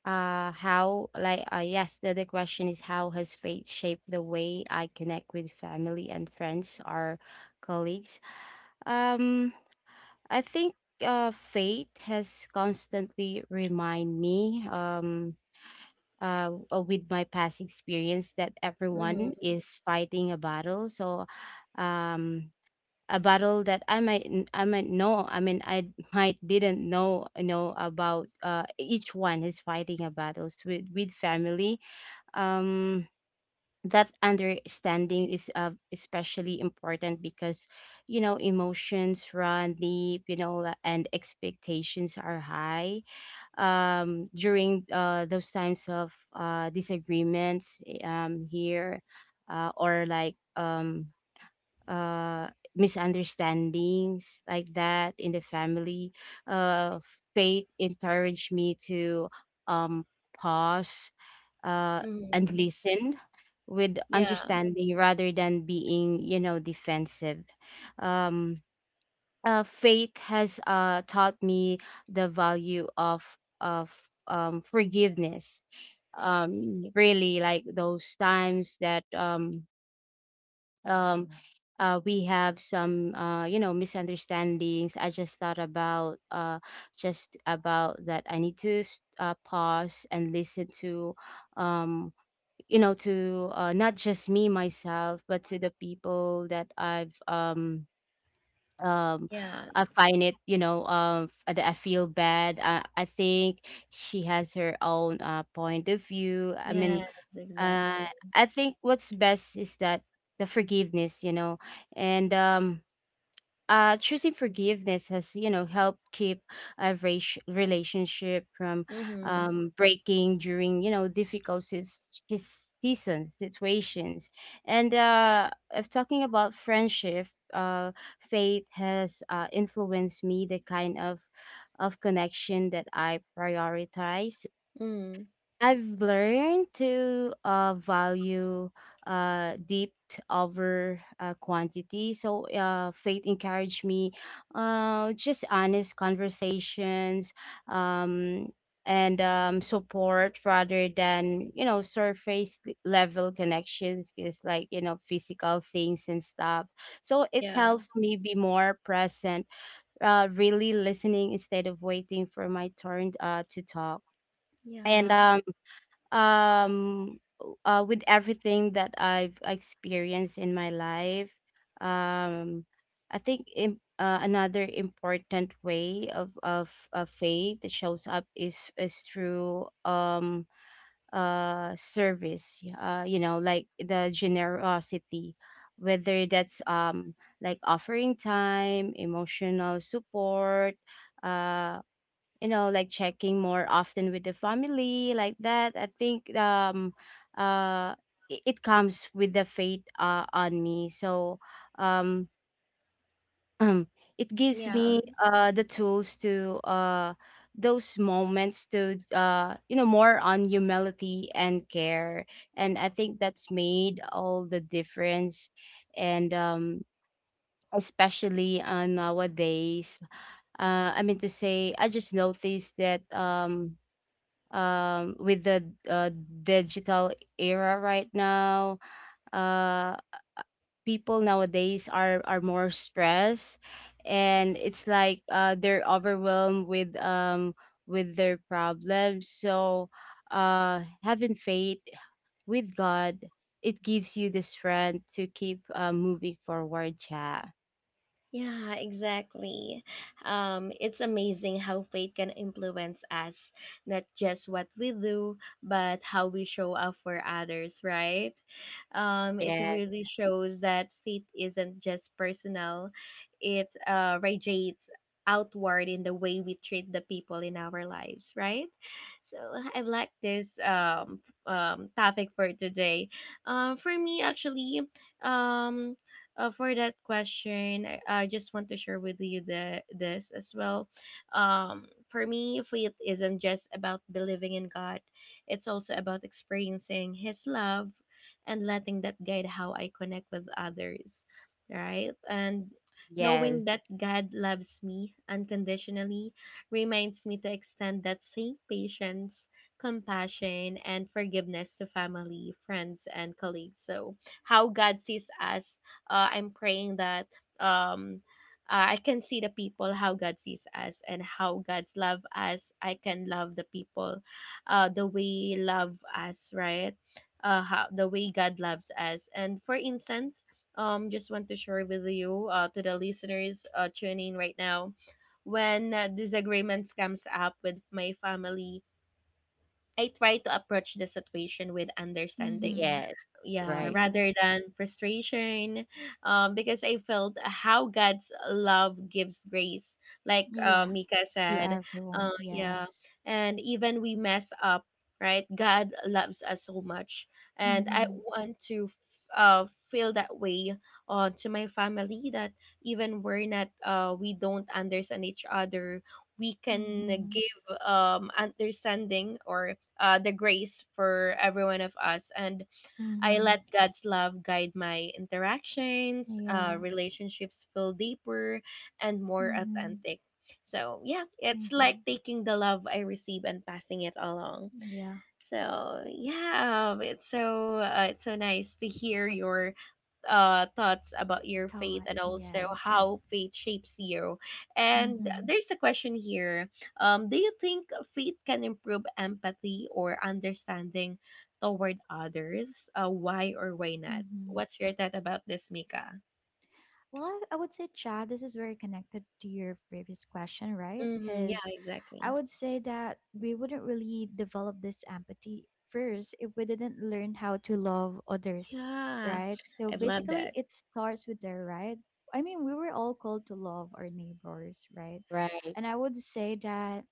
C: uh how like, yes, the question is how has faith shaped the way I connect with family and friends or colleagues. um I think, faith has constantly remind me, with my past experience, that everyone
A: Mm-hmm.
C: is fighting a battle. So um a battle that I might know, I mean I might didn't know, you know, about, each one is fighting a battles with family. um that understanding is, especially important because, you know, emotions run deep, you know, and expectations are high, during those times of, disagreements, here, or like uh misunderstandings like that in the family. uh Faith encouraged me to, um pause, uh and
A: Mm-hmm.
C: listen with
A: Yeah,
C: understanding rather than being, you know, defensive. um uh, faith has taught me the value of, forgiveness. Really, like those times that, um we have some, you know, misunderstandings. I just thought about, just about that I need to, pause and listen to, um, you know, to, not just me myself, but to the people that I've, um
A: yeah,
C: I find it, you know, that I feel bad. I think she has her own, point of view. I mean,
A: yes,
C: uh,
A: exactly.
C: I think what's best is that the forgiveness, you know, and choosing forgiveness has, you know, helped keep a relationship from,
A: Mm-hmm.
C: breaking during, you know, difficult seasons, situations. And if talking about friendship, uh, faith has, influenced me the kind of connection that I prioritize.
A: Mm-hmm.
C: I've learned to, value, depth over, quantity. So, faith encouraged me, just honest conversations, um, and support rather than, you know, surface level connections, just like, you know, physical things and stuff. So, it
A: Yeah,
C: helps me be more present, really listening instead of waiting for my turn, to talk. And
A: yeah,
C: with everything that I've experienced in my life. Um, I think another important way of of faith that shows up is through, service. You know, like the generosity, whether that's, like offering time, emotional support, uh you know, like checking more often with the family, like that. I think, uh it, it comes with the fate, on me. So um it gives
A: yeah.
C: me, the tools to, those moments to, you know, more on humility and care, and I think that's made all the difference. And especially, nowadays, I mean to say, I just noticed that, with the, digital era right now, uh people nowadays are more stressed, and it's like, they're overwhelmed with, with their problems. So having faith with God, it gives you the strength to keep, moving forward. Yeah.
A: Yeah, exactly. It's amazing how faith can influence us, not just what we do, but how we show up for others, right? It
C: Yes,
A: really shows that faith isn't just personal, it radiates outward in the way we treat the people in our lives, right? So I like this topic for today. For me actually, um, for that question, I just want to share with you the this as well. For me, faith isn't just about believing in God; it's also about experiencing His love and letting that guide how I connect with others, right? And knowing
C: yes,
A: that God loves me unconditionally reminds me to extend that same patience, compassion, and forgiveness to family, friends, and colleagues. So, how God sees us, I'm praying that um, I can see the people how God sees us and how God's love us. I can love the people the way love us, right? How, the way God loves us. And for instance, just want to share with you, to the listeners tuning right now, when disagreements comes up with my family, I try to approach the situation with understanding,
B: Mm-hmm.
C: yes,
A: yeah,
C: right,
B: Yeah.
A: rather than frustration, because I felt how God's love gives grace, like
B: Yeah.
A: Mika
B: To
A: said.
B: everyone.
A: Uh, yeah.
B: Yes.
A: And even we mess up, right, God loves us so much. And I
B: Mm-hmm.
A: want to feel that way, to my family, that even we're not, uh, we don't understand each other, we can
B: Mm-hmm.
A: give understanding or the grace for every one of us. And I
B: Mm-hmm.
A: let God's love guide my interactions,
B: Yeah.
A: relationships feel deeper and more
B: Mm-hmm.
A: authentic. So, yeah, it's
B: Mm-hmm.
A: like taking the love I receive and passing it along.
B: Yeah.
A: So, yeah, it's so nice to hear your thoughts about your faith
B: Thought.
A: and also
B: Yes.
A: how faith shapes you. And
B: Mm-hmm.
A: there's a question here. Do you think faith can improve empathy or understanding toward others? Why or why not?
B: Mm-hmm.
A: What's your thought about this, Mika?
B: Well, I would say, Chad, this is very connected to your previous question, right?
A: Mm-hmm, yeah,
B: Because I
A: exactly.
B: would say that we wouldn't really develop this empathy first if we didn't learn how to love others,
A: Yeah,
B: right? So
A: I have loved
B: basically,
A: that.
B: it starts with there, right? I mean, we were all called to love our neighbors, right?
C: right,
B: And I would say that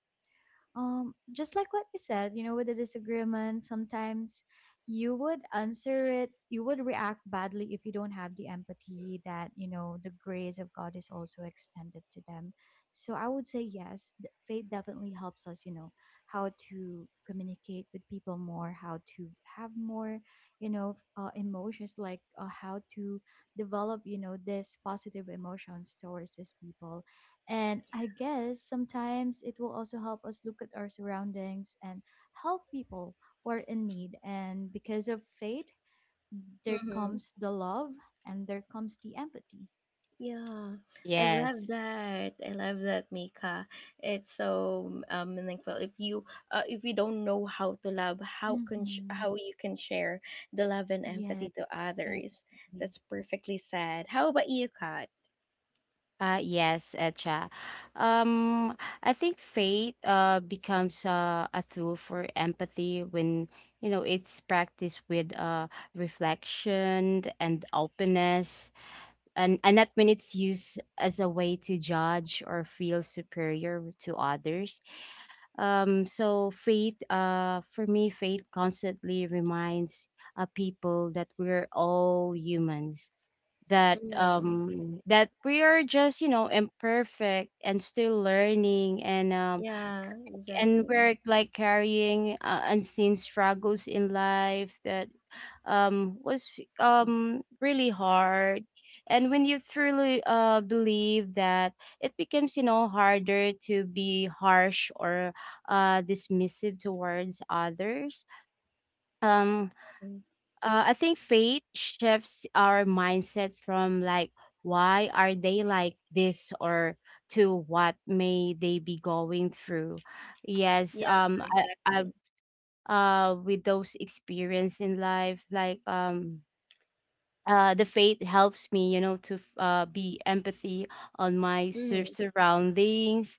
B: just like what you said, you know, with the disagreement sometimes, you would react badly if you don't have the empathy that you know the grace of God is also extended to them. So I would say yes, faith definitely helps us, you know, how to communicate with people more, how to have more you know emotions, like how to develop you know this positive emotions towards these people. And I guess sometimes it will also help us look at our surroundings and help people who are in need. And because of faith, there
A: Mm-hmm.
B: comes the love and there comes the empathy.
A: Yeah, I
C: yes.
A: love that. I love that, Mika. It's so meaningful. If you don't know how to love, how
B: Mm-hmm.
A: how you can share the love and
B: Yeah,
A: empathy to others?
B: definitely.
A: That's perfectly said. How about you, Kat?
C: Yes, Echa. Um, I think faith, becomes, a tool for empathy when, you know, it's practiced with, reflection and openness, and not when it's used as a way to judge or feel superior to others. So faith, for me, faith constantly reminds people that we're all humans that
A: Mm,
C: that we are just imperfect and still learning, and um
A: yeah,
C: and
A: exactly.
C: we're like carrying unseen struggles in life that was really hard, and when you truly believe that, it becomes harder to be harsh or dismissive towards others. um
A: Mm,
C: I think faith shifts our mindset from, like, why are they like this, or to what may they be going through.
A: yeah,
C: Yes. um, I,
A: exactly.
C: i with those experience in life, like, the faith helps me, to be empathy on my
A: Mm,
C: surroundings,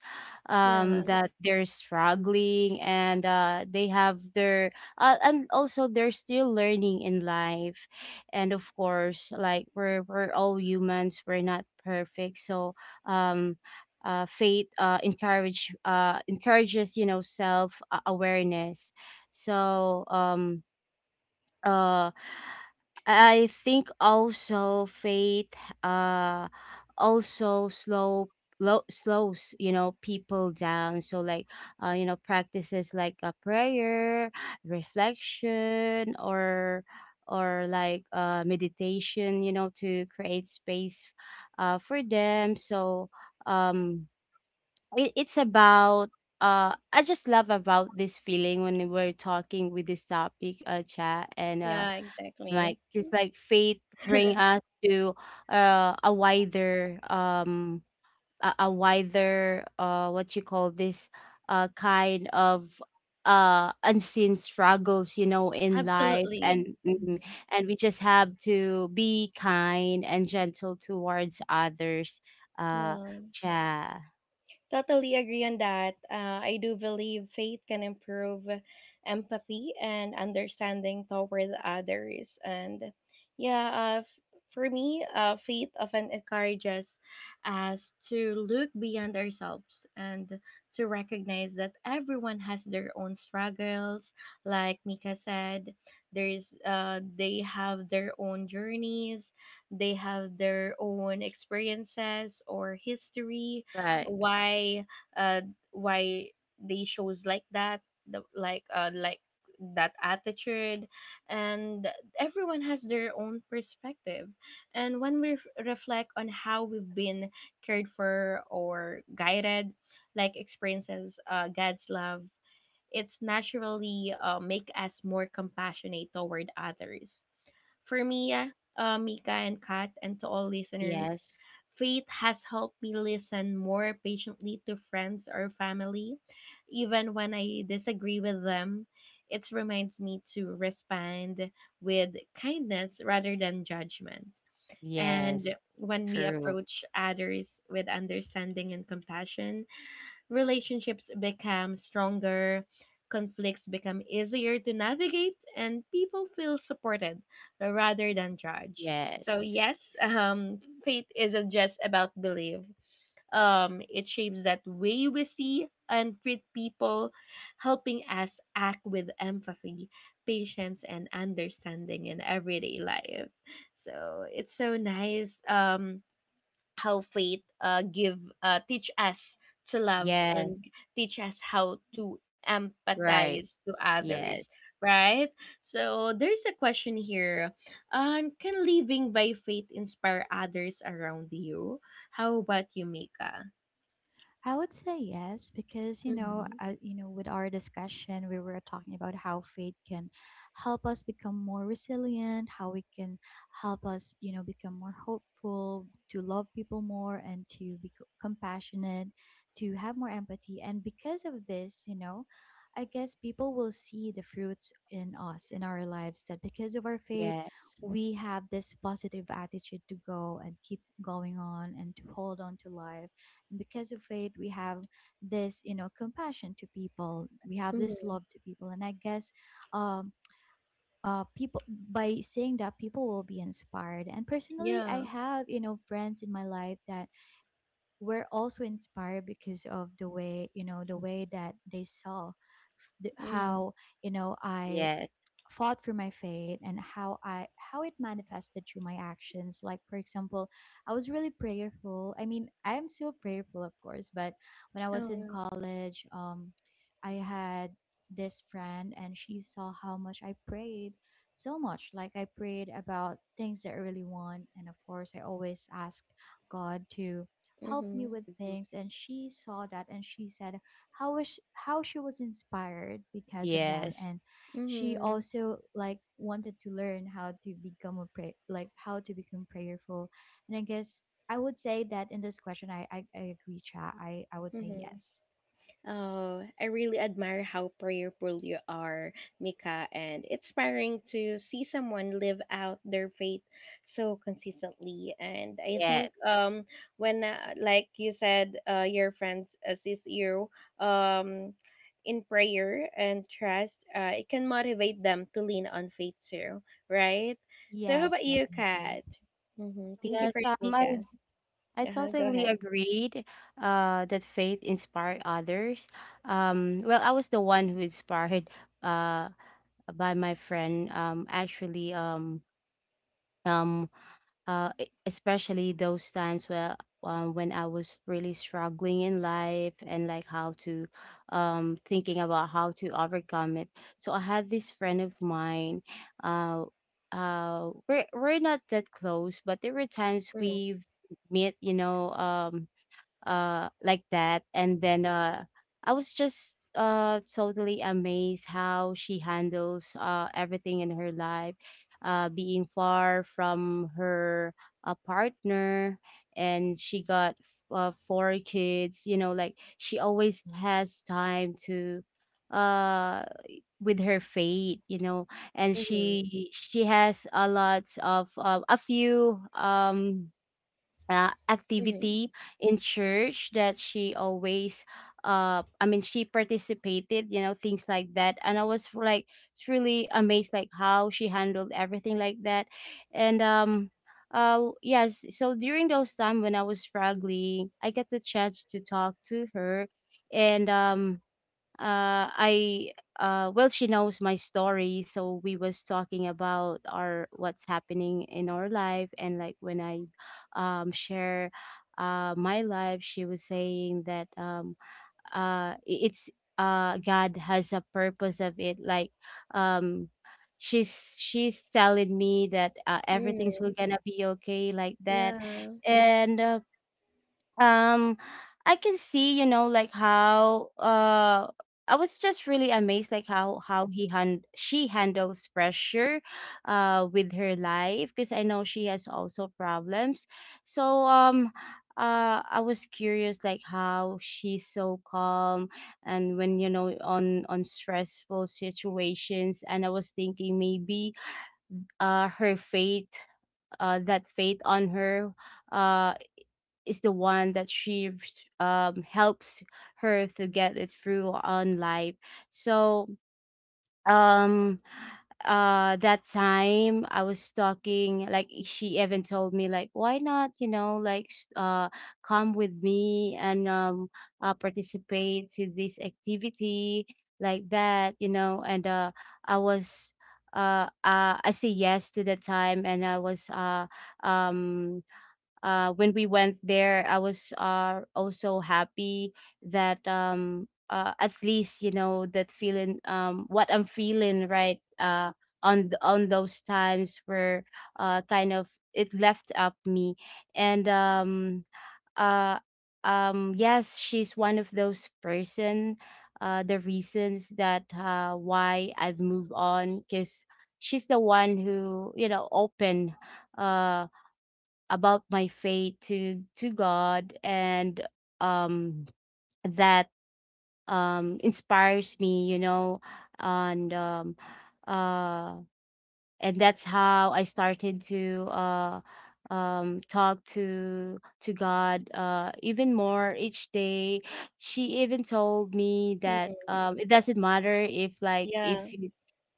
A: yeah,
C: that they're struggling and they have their, and also they're still learning in life. And of course, like, we're all humans, we're not perfect. So, um, faith encourages, self awareness. so um uh I think also faith uh also slows, people down. So, like, practices like a prayer, reflection, or like meditation, to create space for them. So um it's about, I just love about this feeling when we're talking with this topic, chat. And
A: yeah, exactly.
C: Right. Just like faith bring us to a wider, a wider, what you call this, kind of unseen struggles, in life.
A: Absolutely.
C: And mm,
A: Mm,
C: and we just have to be kind and gentle towards others. Uh
A: yeah.
C: cha
A: Totally agree on that. I do believe faith can improve empathy and understanding toward others. And yeah, for me, faith often encourages us to look beyond ourselves and to recognize that everyone has their own struggles. Like Mika said, there's, they have their own journeys, they have their own experiences or history,
C: Right.
A: why, uh why they shows like that, the, like that attitude, and everyone has their own perspective. And when reflect on how we've been cared for or guided, like experiences God's love, it's naturally make us more compassionate toward others. For me, Mika and Kat, and to all listeners,
C: Yes.
A: faith has helped me listen more patiently to friends or family, even when I disagree with them. It reminds me to respond with kindness rather than judgment. And
C: Yes.
A: when we
C: True.
A: approach others with understanding and compassion, relationships become stronger, conflicts become easier to navigate, and people feel supported rather than judged. So
C: Yes.
A: yes, faith isn't just about belief. It shapes that way we see and treat people, helping us act with empathy, patience, and understanding in everyday life. So it's so nice. How faith give teach us to love
C: Yes.
A: and teach us how to
C: Right.
A: empathize to others,
C: Yes.
A: right? So there's a question here: can living by faith inspire others around you? How about you, Mika?
B: I would say yes, because
A: Mm-hmm.
B: you know, with our discussion, we were talking about how faith can help us become more resilient, how it can help us, you know, become more hopeful, to love people more, and to be compassionate, to have more empathy. And because of this, you know, I guess people will see the fruits in us in our lives that because of our faith,
C: Yes.
B: we have this positive attitude to go and keep going on and to hold on to life. And because of it, we have this you know compassion to people, we have this
A: Mm-hmm.
B: love to people. And I guess um people, by saying that, people will be inspired. And personally, I
A: Yeah.
B: have you know friends in my life that were also inspired because of the way you know the way that they saw
A: Mm-hmm.
B: how you know I
C: Yes.
B: fought for my faith and how I how it manifested through my actions. Like for example, I was really prayerful. I mean, I am still prayerful, of course, but when I was in
A: Oh.
B: college, I had this friend and she saw how much I prayed so much. Like, I prayed about things that I really want, and of course, I always ask God to help me
A: Mm-hmm.
B: with things. And she saw that and she said how was how she was inspired because of that.
C: Yes.
B: And she
A: Mm-hmm.
B: also like wanted to learn how to become a pray like how to become prayerful. And I guess I would say that in this question I agree, cha. I would say
A: Mm-hmm.
B: yes.
A: Oh, I really admire how prayerful you are, Mika, and it's inspiring to see someone live out their faith so consistently. And I
C: Yes.
A: think when, like you said, your friends assist you um in prayer and trust, it can motivate them to lean on faith too, right? So how
B: Yes,
A: about you, Kat?
B: definitely.
A: Mm-hmm. Thank you
C: Yes.
A: for that,
C: I,
A: Mika.
C: I
A: Uh-huh, go
C: totally
A: ahead.
C: agreed that faith inspired others. Well, I was the one who inspired uh, by my friend. Um, Especially those times where, when I was really struggling in life and like how to, thinking about how to overcome it. So I had this friend of mine. Uh, we're not that close, but there were times
A: Mm-hmm.
C: we meet, you know, like that. And then I was just totally amazed how she handles everything in her life, being far from her, partner, and she got four kids. You know, like, she always has time to uh with her fate, you know. And
A: Mm-hmm.
C: she has a lot of a few,
A: Mm-hmm.
C: activity in church that she always, she participated, you know, things like that. And I was, like, truly amazed, like, how she handled everything like that. And Yes, so during those time when I was struggling, I got the chance to talk to her. And I Well, she knows my story, so we was talking about our what's happening in our life. And like, when I share my life, she was saying that, uh i- it's, God has a purpose of it, like, um, she's telling me that, everything's will
A: Hmm.
C: gonna be okay, like that.
A: Yeah.
C: And um I can see, you know, like how, I was just really amazed, like how he hand she handles pressure with her life, because I know she has also problems. so um I was curious, like, how she's so calm and when, you know, on stressful situations. And I was thinking, maybe her fate, that fate on her, uh is the one that she, helps her to get it through on life. So, um that time I was talking, like, she even told me, like, why not, you know, like, come with me and, participate to this activity, like that, you know. And I was, I say yes to the time. And I was, um when we went there, I was, also happy that, at least, you know, that feeling, what I'm feeling right, on those times were, kind of, it left up me. And uh, yes, she's one of those person. The reasons that, why I've moved on, because she's the one who, you know, open. Uh, about my faith to God. And um that inspires me, you know. and um uh and that's how I started to talk to God even more each day. She even told me that,
A: Mm,
C: um, it doesn't matter if, like, if
A: yeah,
C: you,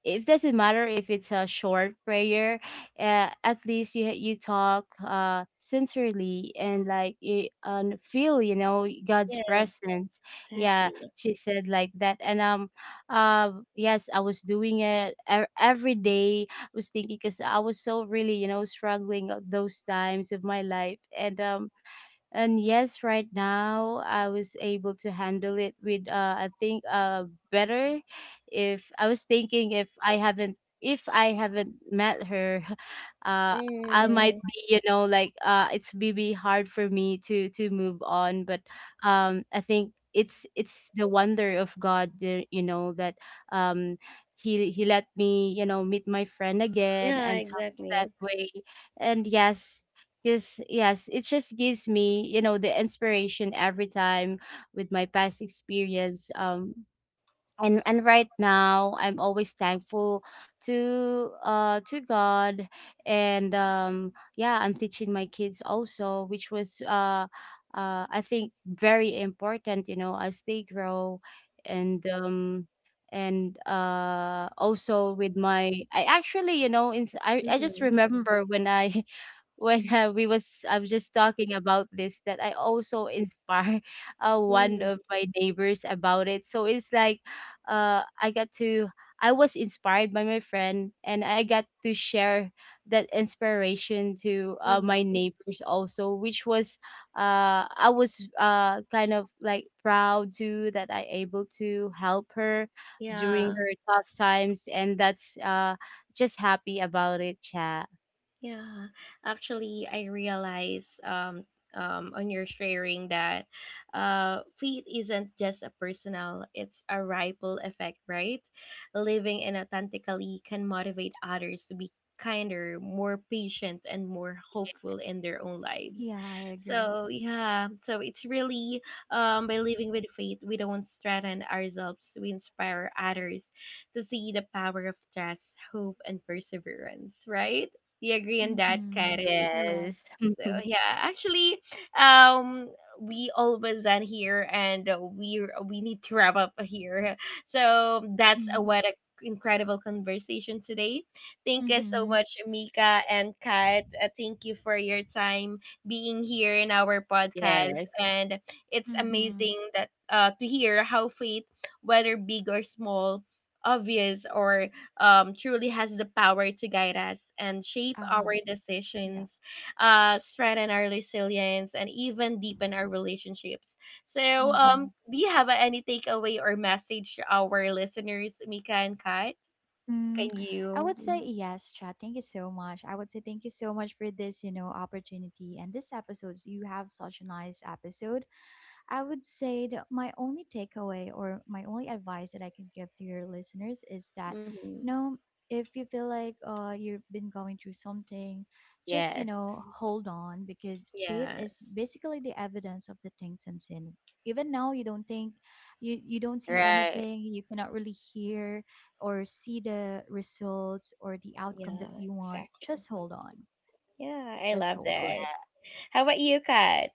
C: it doesn't matter if it's a short prayer, at least you you talk sincerely, and like you and feel, you know, God's
A: yeah,
C: presence. Yeah,
A: exactly.
C: she said like that. And Yes, I was doing it e- every day, was thinking, because I was so really, you know, struggling at those times of my life. And yes, right now I was able to handle it with, I think, better. If I was thinking, if I haven't, if I haven't met her, uh I Mm-hmm. Might
A: Mm,
C: be, you know, like, it's maybe hard for me to move on. But I think it's the wonder of God, you know, that, um he let me, you know, meet my friend again
A: yeah,
C: and talk that
A: exactly.
C: way. And yes, because yes, it just gives me, you know, the inspiration every time with my past experience. And Right now I'm always thankful to God. And Yeah, I'm teaching my kids also, which was, I think, very important, you know, as they grow. And um and Also with my, I actually, you know, I just
A: Mm-hmm,
C: remember when I when we was, I was just talking about this, that I also inspire one
A: mm-hmm,
C: of my neighbors about it. So it's like, I got to, I was inspired by my friend, and I got to share that inspiration to
A: mm-hmm.
C: my neighbors also, which was, I was, kind of like proud too, that I able to help her
A: Yeah.
C: during her tough times. And that's, just happy about it, Chad.
A: Yeah, actually, I realize on your sharing that faith isn't just a personal, it's a ripple effect, right? Living in authentically can motivate others to be kinder, more patient, and more hopeful in their own lives.
B: Yeah, I agree.
A: So, yeah, so it's really by living with faith, we don't threaten ourselves, we inspire others to see the power of trust, hope, and perseverance, right? We agree on that,
B: Mm-hmm.
A: Karen.
B: Yes.
C: Yes.
A: So yeah, actually, um, we almost done here, and we need to wrap up here. So that's a
B: Mm-hmm.
A: what a incredible conversation today. Thank you so
B: Mm-hmm.
A: much, Mika and Kat. Thank you for your time being here in our podcast,
C: Yes.
A: and it's
B: Mm-hmm.
A: amazing that to hear how faith, whether big or small, obvious or truly has the power to guide us and shape our
B: Uh-huh.
A: decisions,
B: Yes.
A: strengthen our resilience, and even deepen our relationships. So,
B: Mm-hmm.
A: do you have any takeaway or message to our listeners, Mika and Kat?
B: Mm,
A: Can
B: I
A: you?
B: would say
A: Mhm.
B: yes, Chad. Thank you so much. I would say thank you so much for this, you know, opportunity and this episode. You have such a nice episode. I would say that my only takeaway or my only advice that I can give to your listeners is that,
A: Mm-hmm.
B: you know, if you feel like you've been going through something, just, you
C: Yes.
B: know, hold on, because faith is
A: Yes.
B: basically the evidence of the things unseen. Even now, you don't think, you don't see
C: Right.
B: anything, you cannot really hear or see the results or the outcome that
A: Yeah,
B: you want.
A: exactly.
B: Just hold on.
A: Yeah, I
B: Just
A: love
B: hold
C: Yeah.
A: that.
B: on.
A: How about you, Kat?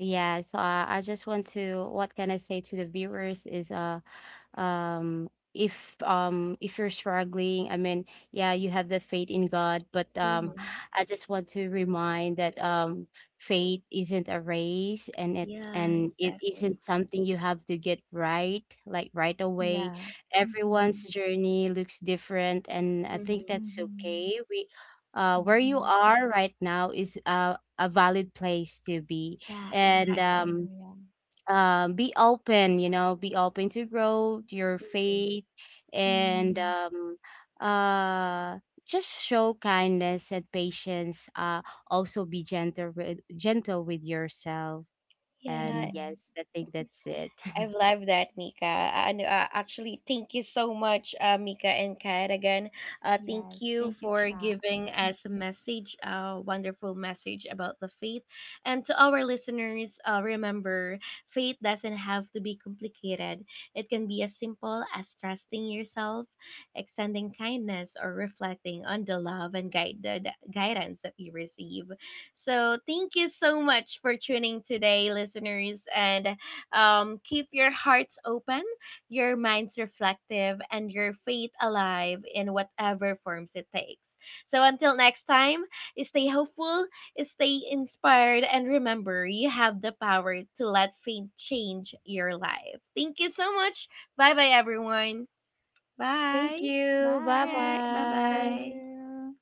C: Yeah. So, I just want to, what can I say to the viewers is, um if, if you're struggling, I mean, yeah, you have the faith in God. But
A: Mm-hmm.
C: I just want to remind that, faith isn't a race, and it
A: Yeah,
C: and it isn't
A: exactly.
C: something you have to get right, like, right away.
B: Yeah.
C: Everyone's
B: Mm-hmm.
C: journey looks different, and I think
A: Mm-hmm.
C: that's
B: Mm-hmm.
C: okay. We, where you
B: Mm-hmm.
C: are right now is, a valid place to be.
A: Yeah,
C: And
B: Oh,
A: exactly.
B: yeah.
C: um. Be open, you know, be open to grow to your
A: Mhm.
C: faith. And
B: Mm-hmm.
C: uh just show kindness and patience, also be gentle with, gentle with yourself.
A: Yeah,
C: And
B: Mm-hmm.
C: yes, I think that's it.
A: I love that, Mika. And actually, thank you so much, Mika and Kat. Again, thank
B: Yes.
A: you
B: Thank you,
A: for
B: chat.
A: giving us a message, a wonderful message about the faith. And to our listeners, remember, faith doesn't have to be complicated. It can be as simple as trusting yourself, extending kindness, or reflecting on the love and guide the guidance that you receive. So, thank you so much for tuning today, listeners, and keep your hearts open, your minds reflective, and your faith alive in whatever forms it takes. So until next time, stay hopeful, stay inspired, and remember you have the power to let faith change your life. Thank you so much. Bye bye, everyone.
C: Thank
A: Bye.
C: you,
A: All
C: bye
B: Bye.
A: right. Bye
B: Thank
C: bye.
A: bye.
B: you.